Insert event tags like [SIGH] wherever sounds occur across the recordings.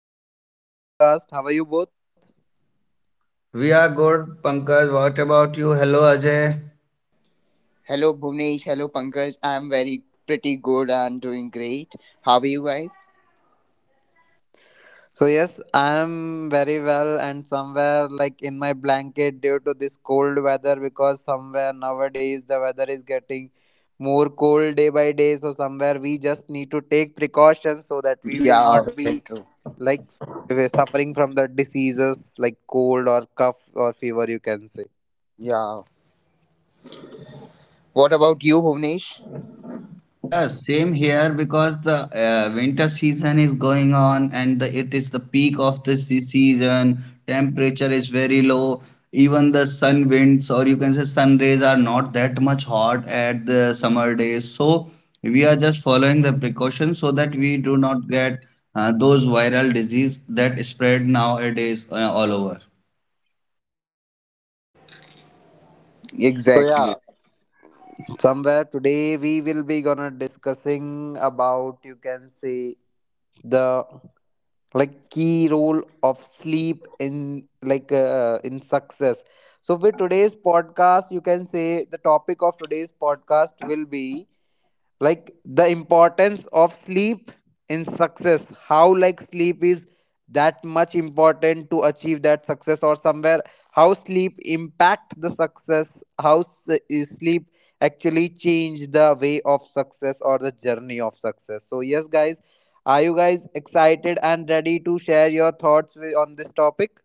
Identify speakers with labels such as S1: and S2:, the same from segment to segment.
S1: Ajay. Welcome to the podcast. How are you both?
S2: We are good, Pankaj. What about you? Hello, Ajay.
S3: Hello, Bhuvnesh. Hello, Pankaj. I'm very pretty good and doing great. How are you guys?
S1: So, yes, I am very well and somewhere like in my blanket due to this cold weather because somewhere nowadays the weather is getting more cold day by day. So, somewhere we just need to take precautions so that we will
S3: Yeah,
S1: not
S3: very
S1: be
S3: true.
S1: like we're suffering from the diseases like cold or cough or fever, you can say.
S3: Yeah. What about you, Bhuvnesh?
S2: Yeah, same here because the winter season is going on and it is the peak of the season. Temperature is very low. Even the sun winds, or you can say sun rays, are not that much hot at the summer days. So we are just following the precautions so that we do not get those viral disease that spread nowadays all over.
S1: So, yeah,
S3: Exactly.
S1: somewhere today we will be gonna discussing about you can say the like key role of sleep in in success. So with today's podcast you can say the topic of today's podcast will be like the importance of sleep in success, how like sleep is that much important to achieve that success, or somewhere how sleep impact the success, is sleep actually change the way of success or the journey of success. So yes guys, are you guys excited and ready to share your thoughts on this topic?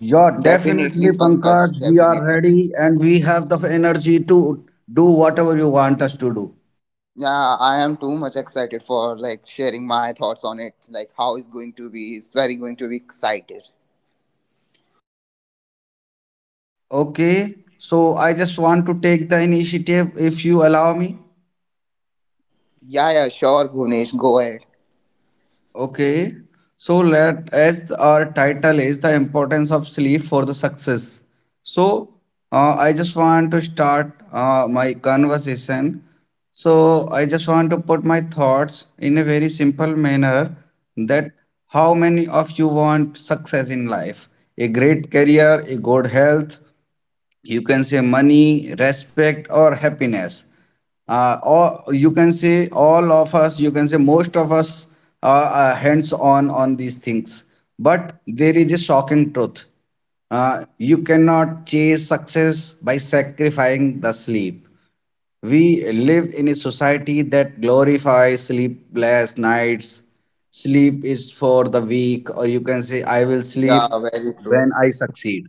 S2: Yeah,
S3: Definitely,
S2: definitely,
S3: Pankaj.
S2: Pankaj. We are
S3: Definitely.
S2: ready and we have the energy to do whatever you want us to do.
S3: Yeah, I am too much excited for like sharing my thoughts on it. Like, how is going to be? Is very going to be excited.
S2: Okay, so I just want to take the initiative if you allow me.
S3: Yeah, sure, Bhuvnesh. Go ahead.
S2: Okay, so let as our title is the importance of sleep for the success. So I just want to start my conversation. So I just want to put my thoughts in a very simple manner that how many of you want success in life? A great career, a good health, you can say money, respect, or happiness, or you can say all of us, you can say most of us are hands on these things, but there is a shocking truth. Uh, you cannot chase success by sacrificing the sleep. We live in a society that glorifies sleepless nights. Sleep is for the weak, or you can say, I will sleep
S3: Yeah, very true.
S2: when I succeed.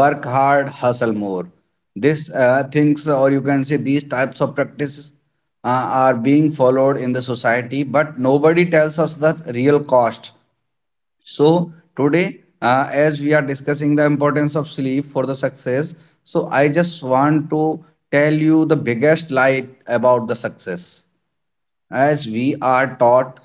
S2: Work hard, hustle more. This things, or you can say these types of practices, are being followed in the society, but nobody tells us the real cost. So today, as we are discussing the importance of sleep for the success, so I just want to tell you the biggest lie about the success. As we are taught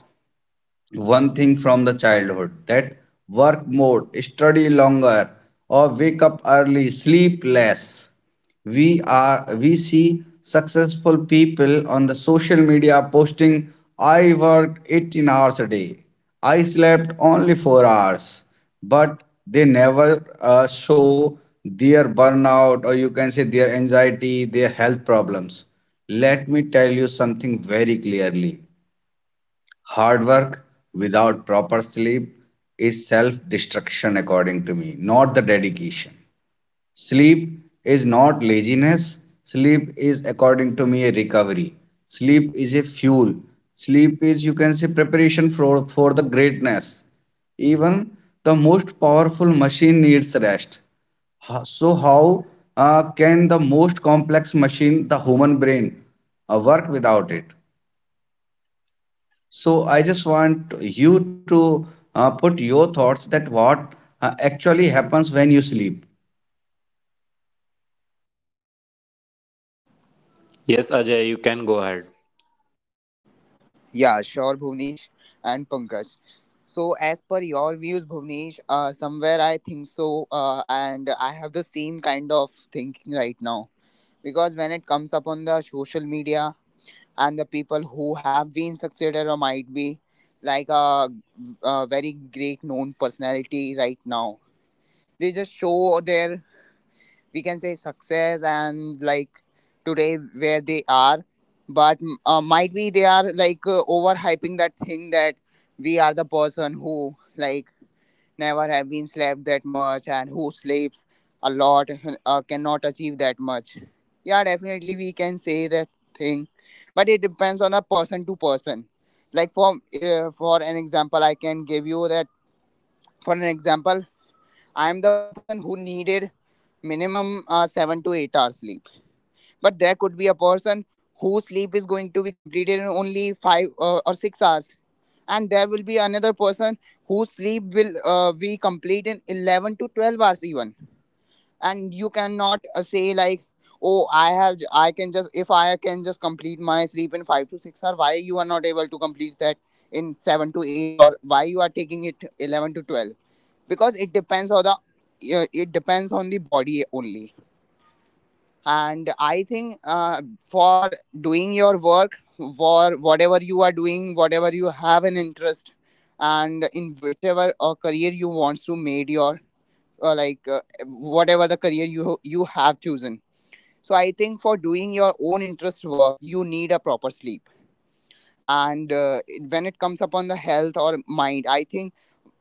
S2: one thing from the childhood, that work more, study longer, or wake up early, sleep less. We see successful people on the social media posting, I worked 18 hours a day. I slept only 4 hours. But they never show their burnout, or you can say their anxiety, their health problems. Let me tell you something very clearly. Hard work without proper sleep is self destruction, according to me, not the dedication. Sleep is not laziness. Sleep is, according to me, a recovery. Sleep is a fuel. Sleep is, you can say, preparation for the greatness. Even the most powerful machine needs rest. So how can the most complex machine, the human brain, work without it? So I just want you to put your thoughts that what actually happens when you sleep.
S3: Yeah, sure, Bhuvnesh and Pankaj. So, as per your views, Bhuvnesh, somewhere I think so, and I have the same kind of thinking right now. Because when it comes up on the social media and the people who have been succeeded or might be like a very great known personality right now, they just show their we can say success and like today where they are but might be they are like overhyping that thing that we are the person who like never have been slept that much and who sleeps a lot cannot achieve that much. Yeah, definitely we can say that thing, but it depends on a person to person. Like for an example I can give you that. For an example, I am the person who needed minimum 7 to 8 hours sleep, but there could be a person whose sleep is going to be completed in only 5 or 6 hours, and there will be another person whose sleep will be complete in 11 to 12 hours even. And you cannot say like, "Oh, I can just if I can just complete my sleep in 5 to 6 hours." Why you are not able to complete that in 7 to 8, or why you are taking it 11 to 12? Because it depends on the it depends on the body only. And I think for doing your work, for whatever you are doing, whatever you have an interest, and in whichever career you want to made your uh, like uh, whatever the career you have chosen. So I think for doing your own interest work, you need a proper sleep. And when it comes upon the health or mind, I think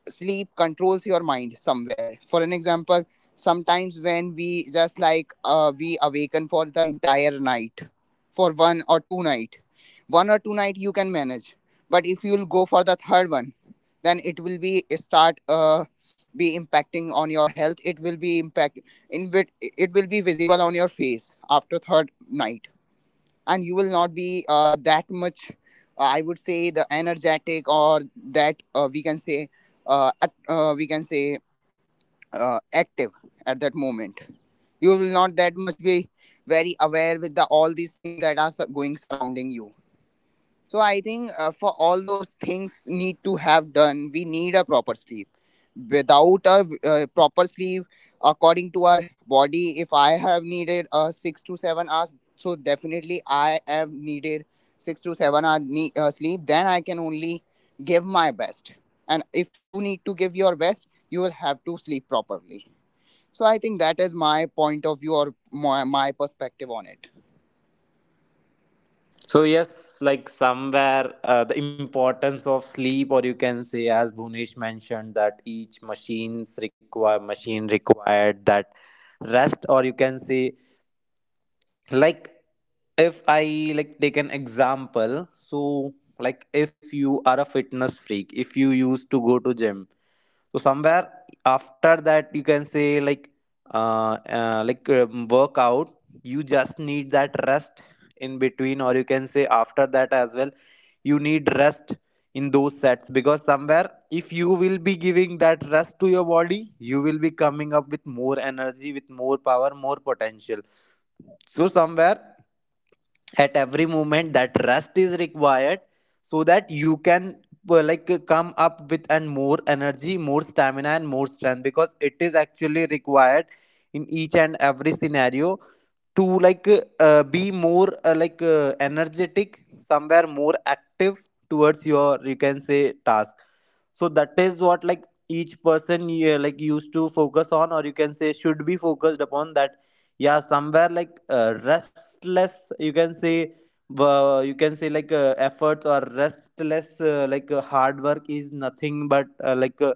S3: sleep controls your mind somewhere. For an example, sometimes when we just like we awaken for the entire night, for one or two night, one or two night you can manage. But if you'll go for the third one, then it will be start be impacting on your health. It will be impact in it will be visible on your face after third night. And you will not be that much I would say the energetic, or that we can say we can say active at that moment. You will not that much be very aware with the all these things that are going surrounding you. So I think for all those things need to have done, we need a proper sleep. Without a proper sleep, according to our body, if I have needed 6 to 7 hours, so definitely I have needed 6 to 7 hour sleep. Then I can only give my best. And if you need to give your best, you will have to sleep properly. So I think that is my point of view, or my perspective on it.
S1: So yes, like somewhere the importance of sleep, or you can say, as Bhunesh mentioned, that each machine required that rest, or you can say, like if I like take an example, so like if you are a fitness freak, if you used to go to gym, so somewhere after that you can say workout you just need that rest in between, or you can say after that as well you need rest in those sets, because somewhere if you will be giving that rest to your body, you will be coming up with more energy, with more power, more potential. So somewhere at every moment that rest is required, so that you can come up with and more energy, more stamina and more strength, because it is actually required in each and every scenario to like be more energetic, somewhere more active towards your you can say task. So that is what like each person yeah, like used to focus on, or you can say should be focused upon that. Yeah, somewhere restless you can say efforts or restless hard work is nothing but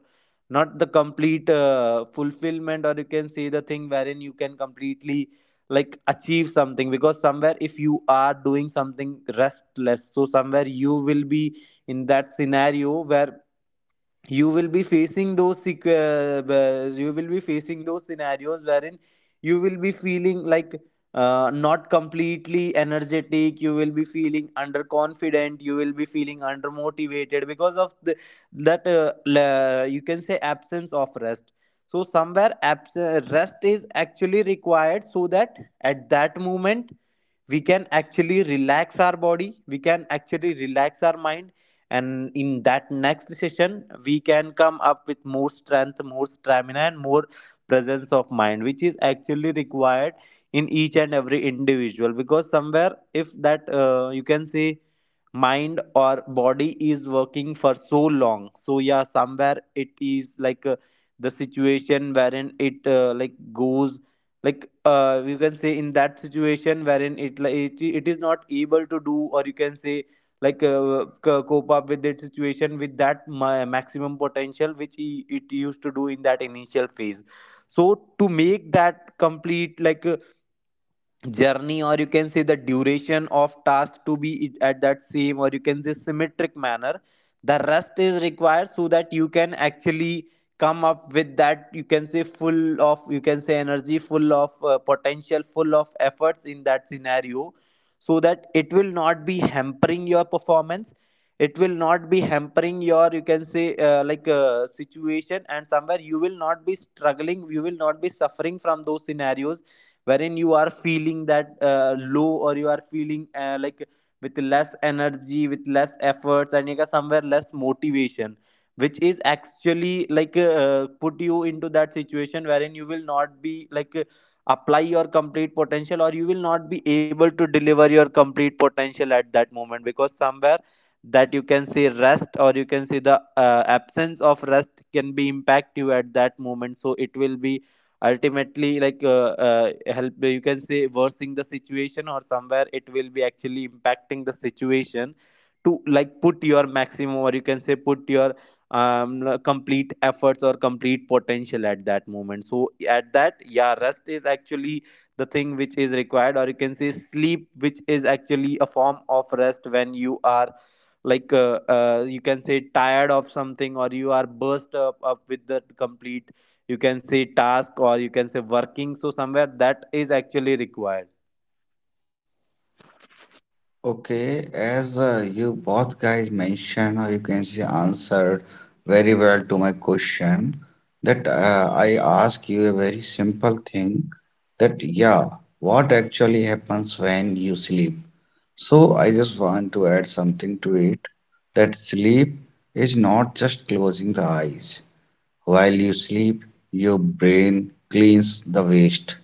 S1: not the complete fulfillment, or you can say the thing wherein you can completely like achieve something, because somewhere if you are doing something restless, so somewhere you will be in that scenario where you will be facing those you will be facing those scenarios wherein you will be feeling like not completely energetic, you will be feeling underconfident, you will be feeling undermotivated because of the you can say absence of rest. So somewhere rest is actually required so that at that moment we can actually relax our body, we can actually relax our mind, and in that next session we can come up with more strength, more stamina and more presence of mind, which is actually required in each and every individual. Because somewhere if that you can say mind or body is working for so long, so yeah somewhere it is the situation wherein it like goes you can say in that situation wherein it is not able to do, or you can say cope up with that situation with that maximum potential which it used to do in that initial phase. So to make that complete journey, or you can say the duration of task to be at that same, or you can say symmetric manner, the rest is required so that you can actually come up with that you can say full of you can say energy, full of potential, full of efforts in that scenario, so that it will not be hampering your performance, it will not be hampering your you can say situation, and somewhere you will not be struggling, you will not be suffering from those scenarios wherein you are feeling that low, or you are feeling like with less energy, with less efforts, and you got somewhere less motivation, which is actually put you into that situation wherein you will not be apply your complete potential, or you will not be able to deliver your complete potential at that moment, because somewhere that you can say rest, or you can say the absence of rest can be impact you at that moment. So it will be ultimately help you can say worsening the situation, or somewhere it will be actually impacting the situation to like put your maximum, or you can say put your complete efforts or complete potential at that moment. So at that, yeah, rest is actually the thing which is required, or you can say sleep, which is actually a form of rest when you are you can say tired of something, or you are burst up with the complete you can say task, or you can say working, so somewhere that is actually required.
S2: Okay, as you both guys mentioned, or you can say answered very well to my question, that I ask you a very simple thing, that yeah, what actually happens when you sleep? So I just want to add something to it, that sleep is not just closing the eyes. While you sleep, your brain cleans the waste,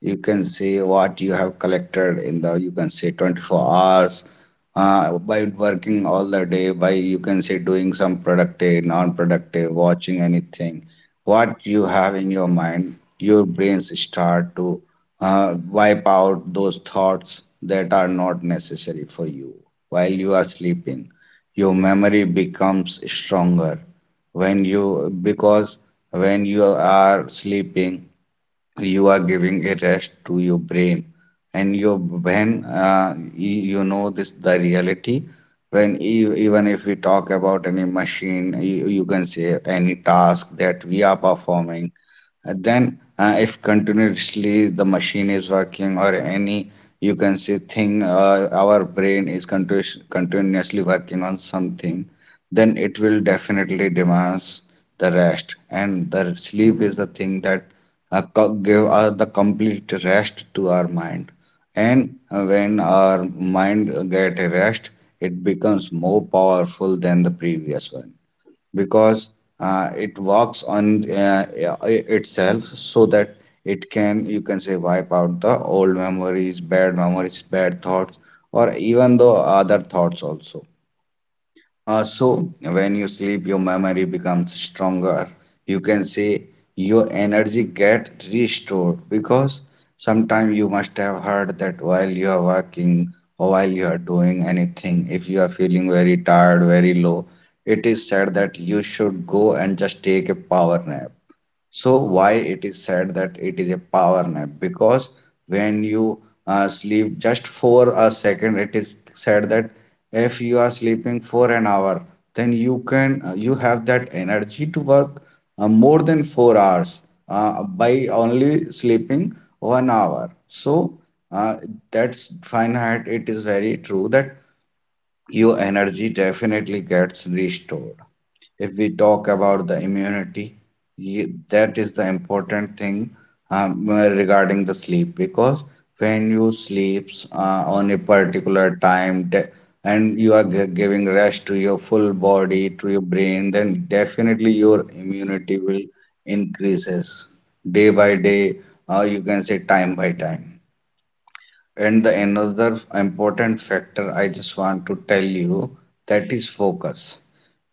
S2: you can say what you have collected in the, you can say, 24 hours, by working all the day, by, you can say, doing some productive, non-productive, watching anything. What you have in your mind, your brains start to wipe out those thoughts that are not necessary for you. While you are sleeping, your memory becomes stronger. When you, because when you are sleeping, you are giving a rest to your brain, and your when you know this the reality. When even if we talk about any machine, you can say any task that we are performing, then if continuously the machine is working, or any, you can say thing, our brain is continuously working on something, then it will definitely demands the rest, and the sleep is the thing that give the complete rest to our mind. And when our mind get a rest, it becomes more powerful than the previous one, because it works on itself, so that it can, you can say, wipe out the old memories, bad memories, bad thoughts, or even the other thoughts also. So when you sleep, your memory becomes stronger. You can say your energy get restored, because sometimes you must have heard that while you are working, or while you are doing anything, if you are feeling very tired, very low, it is said that you should go and just take a power nap. So why it is said that it is a power nap? Because when you sleep just for a second, it is said that if you are sleeping for an hour, then you can you have that energy to work more than 4 hours, by only sleeping 1 hour. So uh, that's finite. It is very true that your energy definitely gets restored. If we talk about the immunity, that is the important thing regarding the sleep, because when you sleeps on a particular time and you are giving rest to your full body, to your brain, then definitely your immunity will increases day by day, or you can say time by time. And the another important factor I just want to tell you, that is focus.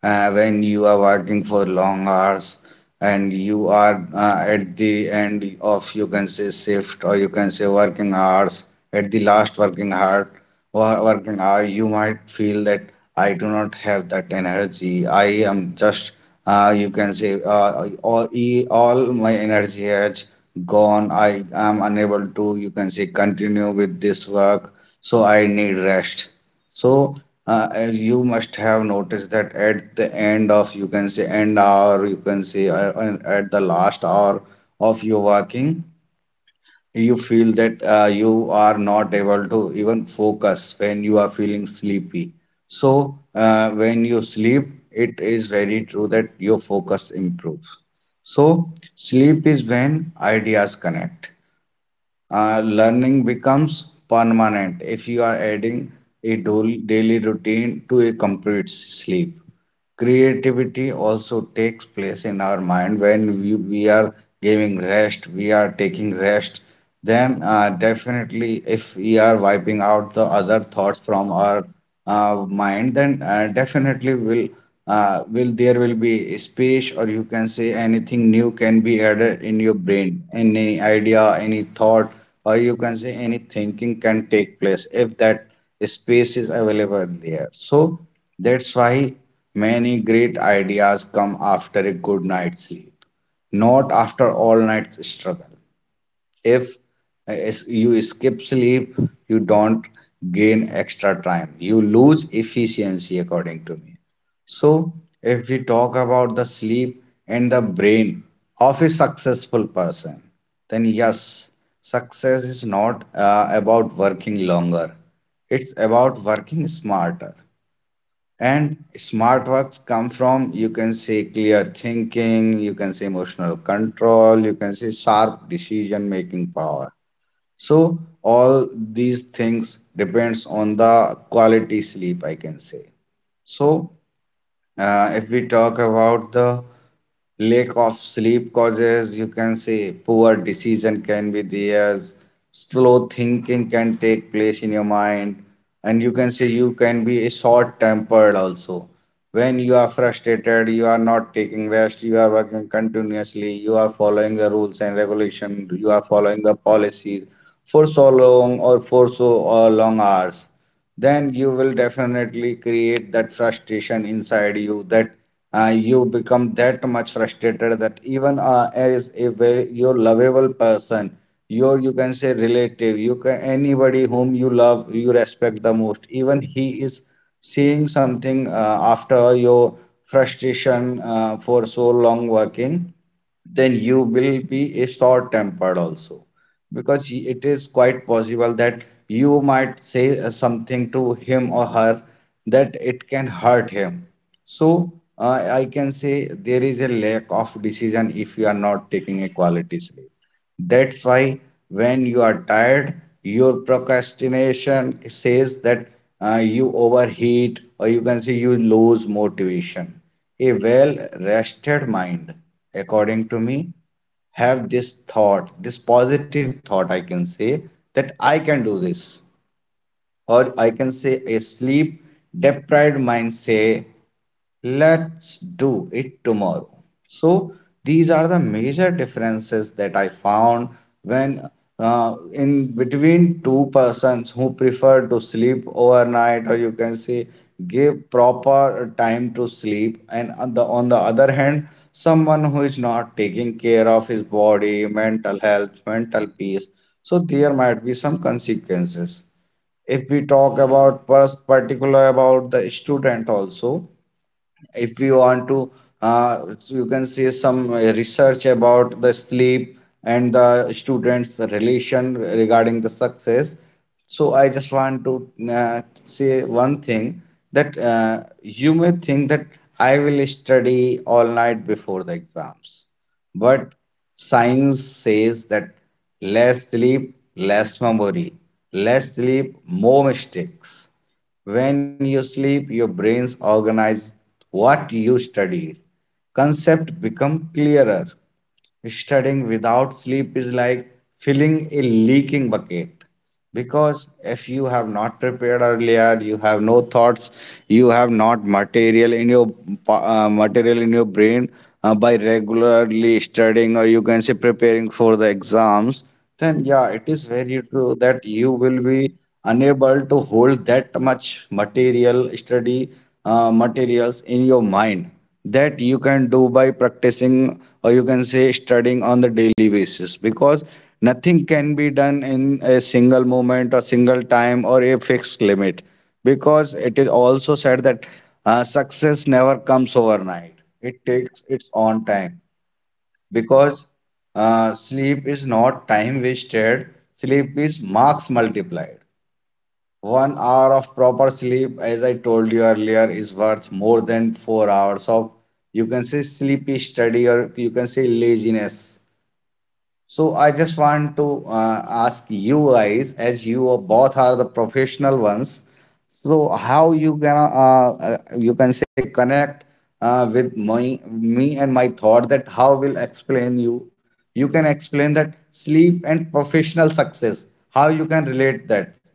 S2: Uh, when you are working for long hours, and you are at the end of, you can say, shift, or you can say working hours, at the last working hour, working hour, you might feel that I do not have that energy. I am just you can say, all all my energy has gone. I am unable to, you can say, continue with this work, so I need rest. So uh, you must have noticed that at the end of, you can say, end hour, you can say, at the last hour of your working, you feel that you are not able to even focus when you are feeling sleepy. So when you sleep, it is very true that your focus improves. So sleep is when ideas connect, learning becomes permanent if you are adding a daily routine to a complete sleep. Creativity also takes place in our mind when we are giving rest, we are taking rest, then definitely if we are wiping out the other thoughts from our mind, then definitely will will, there will be a space, or you can say anything new can be added in your brain, any idea, any thought, or you can say any thinking can take place if that space is available there. So that's why many great ideas come after a good night's sleep, not after all night's struggle. If you skip sleep, you don't gain extra time. You lose efficiency, according to me. So if we talk about the sleep and the brain of a successful person, then yes, success is not about working longer, it's about working smarter. And smart works come from, you can say, clear thinking, you can say emotional control, you can say sharp decision making power. So all these things depends on the quality sleep, I can say. So if we talk about the lack of sleep causes, you can say, poor decision can be there, slow thinking can take place in your mind, and you can say you can be short tempered also. When you are frustrated, you are not taking rest, you are working continuously, you are following the rules and regulation, you are following the policies for so long or for so long hours, then you will definitely create that frustration inside you, that you become that much frustrated that even as a very your lovable person, your, you can say, relative, you can anybody whom you love, you respect the most, even he is seeing something after your frustration for so long working, then you will be a short tempered also, because it is quite possible that you might say something to him or her that it can hurt him. So I can say there is a lack of decision if you are not taking a quality sleep. That's why when you are tired, your procrastination says that you overheat, or you can say you lose motivation. A well rested mind, according to me, have this thought, this positive thought, I can say, that I can do this, or I can say a sleep deprived mind say, let's do it tomorrow. So these are the major differences that I found when, in between two persons who prefer to sleep overnight, or you can say give proper time to sleep, and on on the other hand, someone who is not taking care of his body, mental health, mental peace. So there might be some consequences. If we talk about first particular about the student also, if you want to you can see some research about the sleep and the students relation regarding the success, so I just want to say one thing that you may think that I will study all night before the exams, but science says that less sleep less memory, less sleep more mistakes. When you sleep, your brains organize what you study. Concept become clearer. Studying without sleep is like filling a leaking bucket, because if you have not prepared earlier, you have no thoughts, you have not material in your material in your brain by regularly studying or you can say preparing for the exams, then yeah, it is very true that you will be unable to hold that much material study materials in your mind that you can do by practicing or you can say studying on the daily basis, because nothing can be done in a single moment or single time or a fixed limit. Because it is also said that success never comes overnight, it takes its own time. Because sleep is not time wasted, sleep is marks multiplied. 1 hour of proper sleep, as I told you earlier, is worth more than 4 hours of, you can say, sleepy study or you can say laziness. So I just want to ask you guys, as you are- both are the professional ones, so how you can say connect with my me and my thought, that how will explain you? You can explain that sleep and professional success. How you can relate that?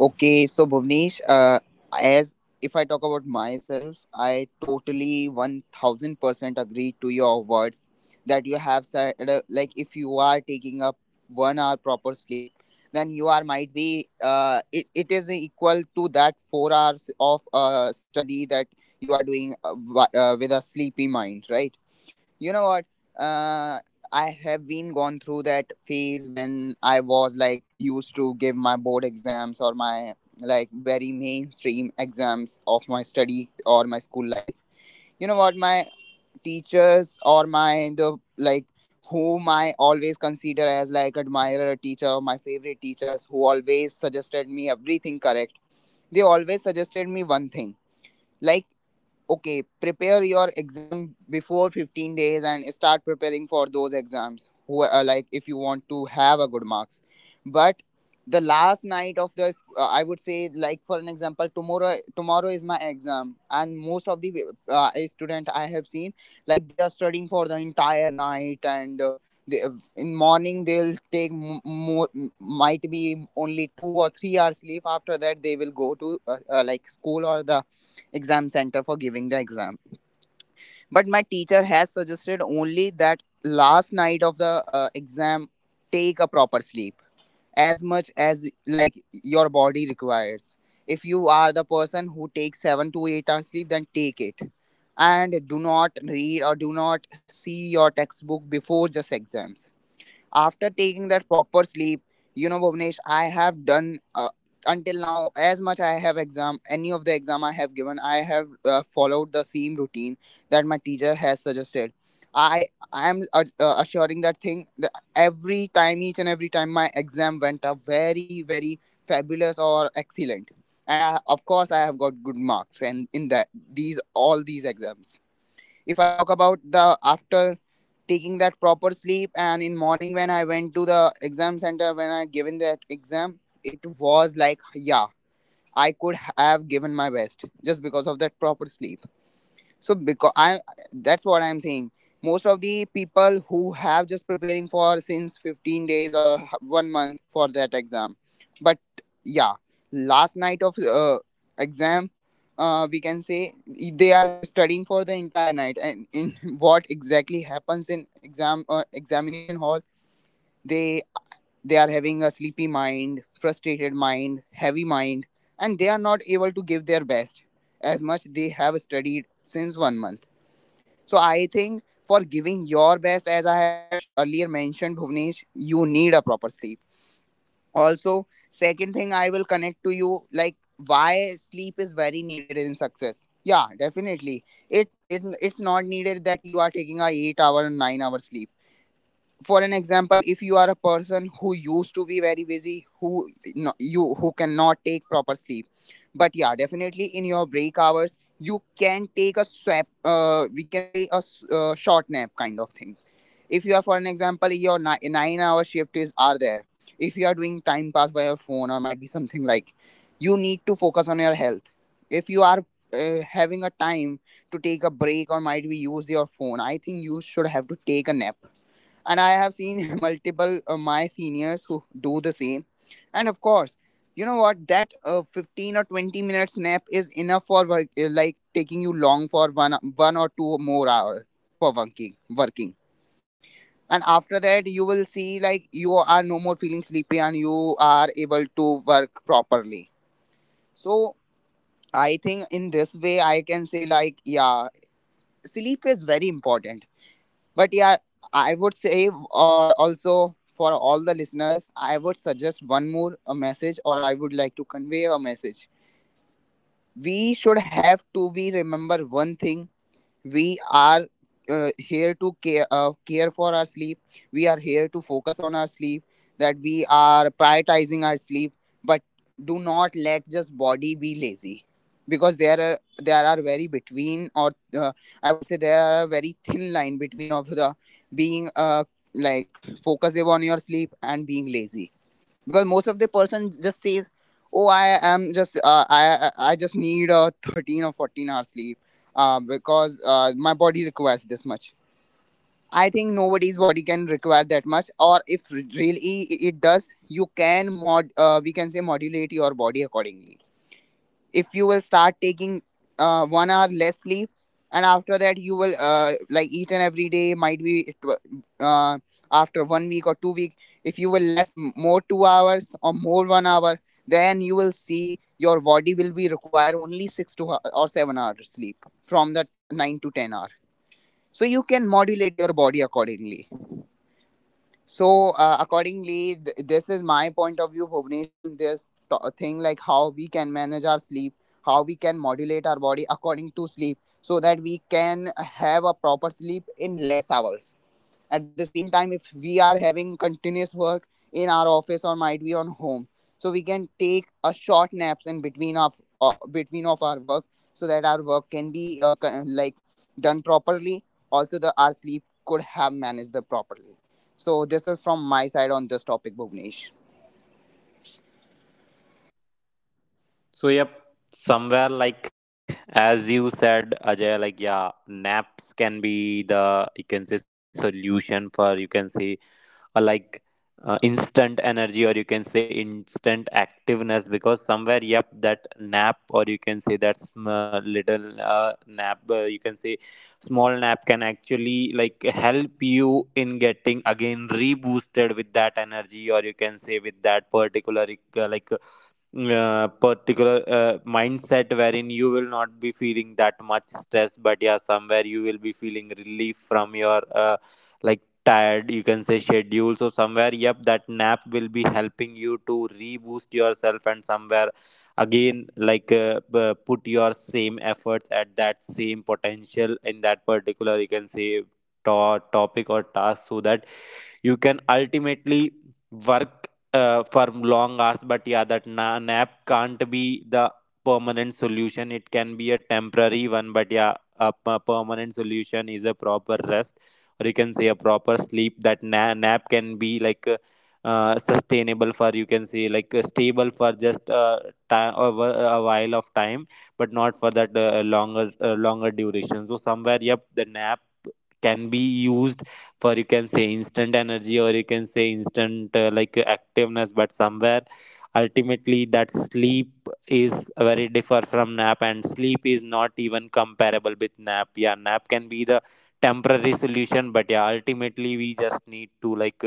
S3: Okay, so Bhuvnesh, as if I talk about myself, I totally 1000 percent agree to your words that you have said. Like, if you are taking up 1 hour proper sleep, then you are might be it is equal to that 4 hours of study that you are doing with a sleepy mind, right? You know what, uh, I have been gone through that phase when I was like used to give my board exams or my like very mainstream exams of my study or my school life. You know what, my teachers or my the like whom I always consider as like admirer teacher, my favorite teachers who always suggested me everything correct, they always suggested me one thing. Like, okay, prepare your exam before 15 days and start preparing for those exams who like if you want to have a good marks. But the last night of the I would say like for an example, tomorrow, tomorrow is my exam, and most of the student I have seen like they are studying for the entire night. And they, in morning they'll take might be only 2 or 3 hours sleep. After that, they will go to like school or the exam center for giving the exam. But my teacher has suggested only that last night of the exam, take a proper sleep as much as like your body requires. If you are the person who takes 7 to 8 hours sleep, then take it. And do not read or do not see your textbook before just exams. After taking that proper sleep, you know, Bhuvnesh, I have done uh, until now, as much I have exam, any of the exam I have given, I have followed the same routine that my teacher has suggested. i I am assuring that thing that every time, each and every time, my exam went up very, very fabulous or excellent. And of course I have got good marks. And in that, these all these exams, if I talk about the, after taking that proper sleep, and in morning when I went to the exam center, when I given that exam, it was like, yeah, I could have given my best just because of that proper sleep. So because I that's what I'm saying. Most of the people who have just preparing for since 15 days or one month for that exam. But yeah, last night of exam, we can say they are studying for the entire night. And in [LAUGHS] what exactly happens in exam examination hall, they they are having a sleepy mind, frustrated mind, heavy mind, and they are not able to give their best as much they have studied since one month. So I think for giving your best, as I have earlier mentioned, Bhuvnesh, you need a proper sleep. Also, second thing I will connect to you like why sleep is very needed in success. Yeah, definitely. It's not needed that you are taking a 8 hour and 9 hour sleep. For an example, if you are a person who used to be very busy, who no, you who cannot take proper sleep, but yeah, definitely in your break hours you can take a swap, we can say a short nap kind of thing. If you are, for an example, your nine-hour shift is are there. If you are doing time pass by your phone, or might be something like, you need to focus on your health. If you are having a time to take a break, or might be use your phone, I think you should have to take a nap. And I have seen [LAUGHS] multiple my seniors who do the same. And of course, you know what? That 15 or 20 minutes nap is enough for work, like taking you long for one or two more hour for working. Working, and after that you will see like you are no more feeling sleepy, and you are able to work properly. So I think in this way, I can say like, yeah, sleep is very important. But yeah, I would say or also for all the listeners, I would suggest one more a message, or I would like to convey a message. We should have to be remember one thing. We are here to care, care for our sleep. We are here to focus on our sleep, that we are prioritizing our sleep. But do not let just body be lazy. Because there are very between, or uh, I would say there are a very thin line between of the being like focusing on your sleep and being lazy. Because most of the person just says, "Oh, I am just I just need a 13 or 14-hour sleep because my body requires this much." I think nobody's body can require that much. Or if really it does, you can mod we can say modulate your body accordingly. If you will start taking 1 hour less sleep, and after that you will like each and every day, might be it uh, after one week or two week, if you will less more 2 hours or more 1 hour, then you will see your body will be require only six to or 7 hours sleep from that 9 to 10 hour. So you can modulate your body accordingly. So accordingly, this is my point of view, Bhuvnesh, on this thing, like how we can manage our sleep, how we can modulate our body according to sleep, so that we can have a proper sleep in less hours. At the same time, if we are having continuous work in our office or might be on home, so we can take a short naps in between of our work, so that our work can be like done properly. Also, the our sleep could have managed the properly. So this is from my side on this topic, Bhuvnesh.
S1: So yep, somewhere like as you said, Ajay, like yeah, naps can be the you can say solution for you can say uh, like instant energy, or you can say instant activeness, because somewhere yep that nap, or you can say that little nap you can say small nap can actually like help you in getting again reboosted with that energy, or you can say with that particular uh, like particular mindset wherein you will not be feeling that much stress, but yeah somewhere you will be feeling relief from your like tired you can say schedule. So somewhere yep that nap will be helping you to reboost yourself, and somewhere again put your same efforts at that same potential in that particular you can say topic or task, so that you can ultimately work for long hours. But yeah that nap can't be the permanent solution, it can be a temporary one, but yeah a permanent solution is a proper rest, or you can say a proper sleep. That nap can be sustainable for you can say stable for just time a a while of time, but not for that longer duration. So somewhere yep the nap can be used for you can say instant energy, or you can say instant activeness, but somewhere ultimately that sleep is very differ from nap, and sleep is not even comparable with nap. Yeah nap can be the temporary solution, but yeah ultimately we just need to like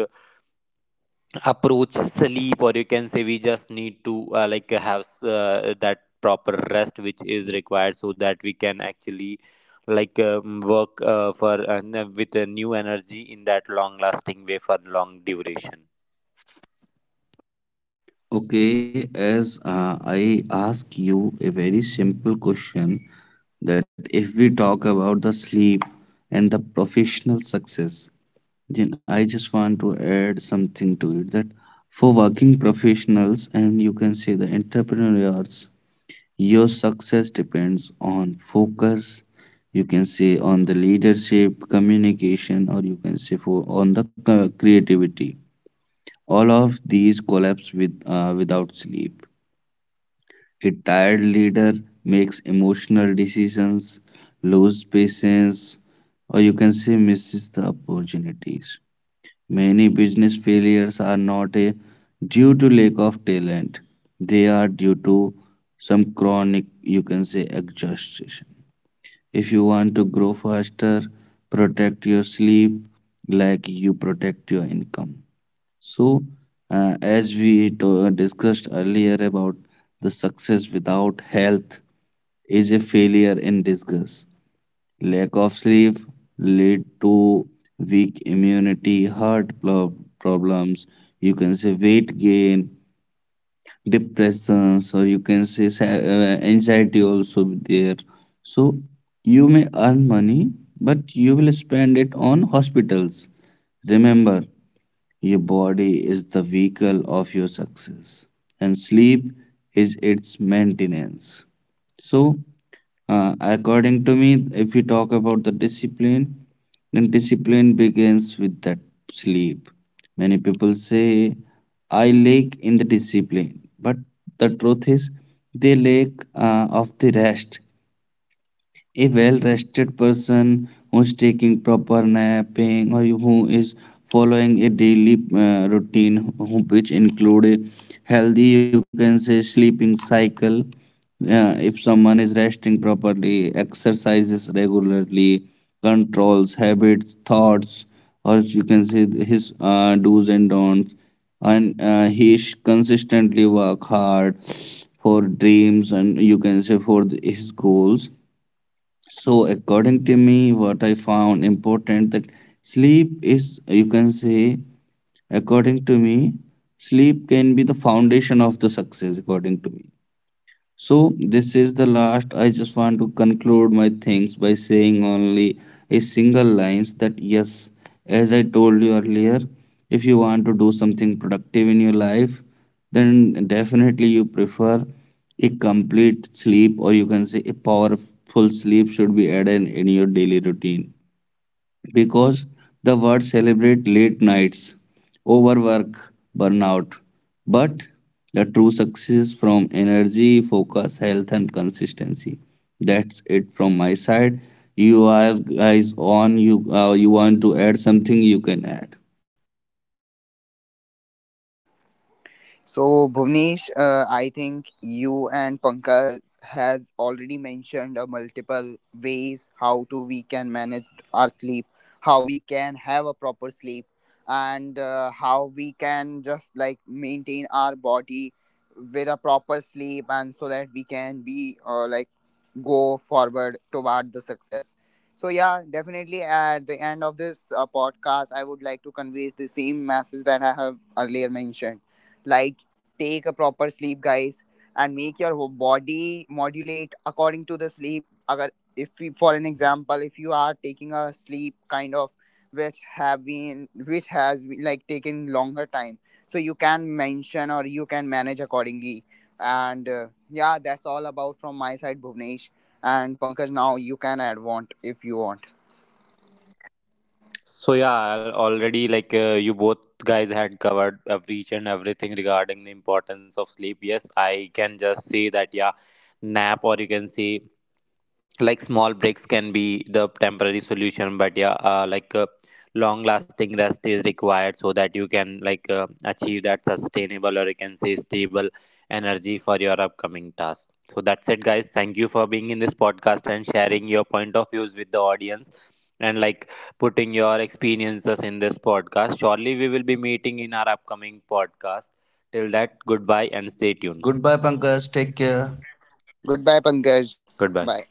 S1: approach sleep, or you can say we just need to like have that proper rest which is required so that we can actually work for with a new energy in that long lasting way for long duration.
S2: Okay, as I ask you a very simple question, that if we talk about the sleep and the professional success, then I just want to add something to it, that for working professionals and you can say the entrepreneurs, your success depends on focus, you can say on the leadership, communication, or you can say for on the c- creativity. All of these collapse with without sleep. A tired leader makes emotional decisions, loses patience, or you can say misses the opportunities. Many business failures are not a due to lack of talent. They are due to some chronic, you can say, exhaustion. If you want to grow faster, protect your sleep like you protect your income. So, as we discussed earlier about the success without health is a failure in disguise. Lack of sleep lead to weak immunity, heart problems. You can say weight gain, depressions, or you can say anxiety also there. So you may earn money, but you will spend it on hospitals. Remember, your body is the vehicle of your success, and sleep is its maintenance. So, according to me, if we talk about the discipline, then discipline begins with that sleep. Many people say, I lack in the discipline, but the truth is, they lack of the rest. A well rested person who is taking proper napping or who is following a daily routine who- which include a healthy, you can say, sleeping cycle. If someone is resting properly, exercises regularly, controls habits, thoughts, or you can say his do's and don'ts, and he sh- consistently work hard for dreams and you can say for the, his goals. So according to me, what I found important that sleep is, you can say, according to me, sleep can be the foundation of the success, according to me. So this is the last. I just want to conclude my things by saying only a single lines that yes, as I told you earlier, if you want to do something productive in your life, then definitely you prefer a complete sleep, or you can say a powerful sleep should be added in your daily routine, because the world celebrate late nights, overwork, burnout. But the true success from energy, focus, health, and consistency. That's it from my side. You are guys on. You you want to add something? You can add.
S3: So Bhuvnesh, I think you and Pankaj has already mentioned multiple ways how to we can manage our sleep, how we can have a proper sleep, and how we can just like maintain our body with a proper sleep, and so that we can be like go forward toward the success. So yeah, definitely at the end of this podcast, I would like to convey the same message that I have earlier mentioned. Like, take a proper sleep guys, and make your whole body modulate according to the sleep. Agar, if we, for an example, if you are taking a sleep kind of which have been, which has been, like taken longer time, so you can mention or you can manage accordingly. And yeah, that's all about from my side, Bhuvnesh. And Pankaj, now you can add want if you want.
S1: So yeah, I'll already you both guys had covered each and everything regarding the importance of sleep. Yes I can just say that yeah, nap, or you can say like small breaks can be the temporary solution, but yeah long lasting rest is required so that you can achieve that sustainable, or you can say stable energy for your upcoming task. So that's it guys, thank you for being in this podcast and sharing your point of views with the audience, and like putting your experiences in this podcast. Surely we will be meeting in our upcoming podcast. Till that, goodbye and stay tuned.
S2: Goodbye, Pankaj. Take care.
S3: Goodbye, Pankaj. Bye.
S1: Goodbye.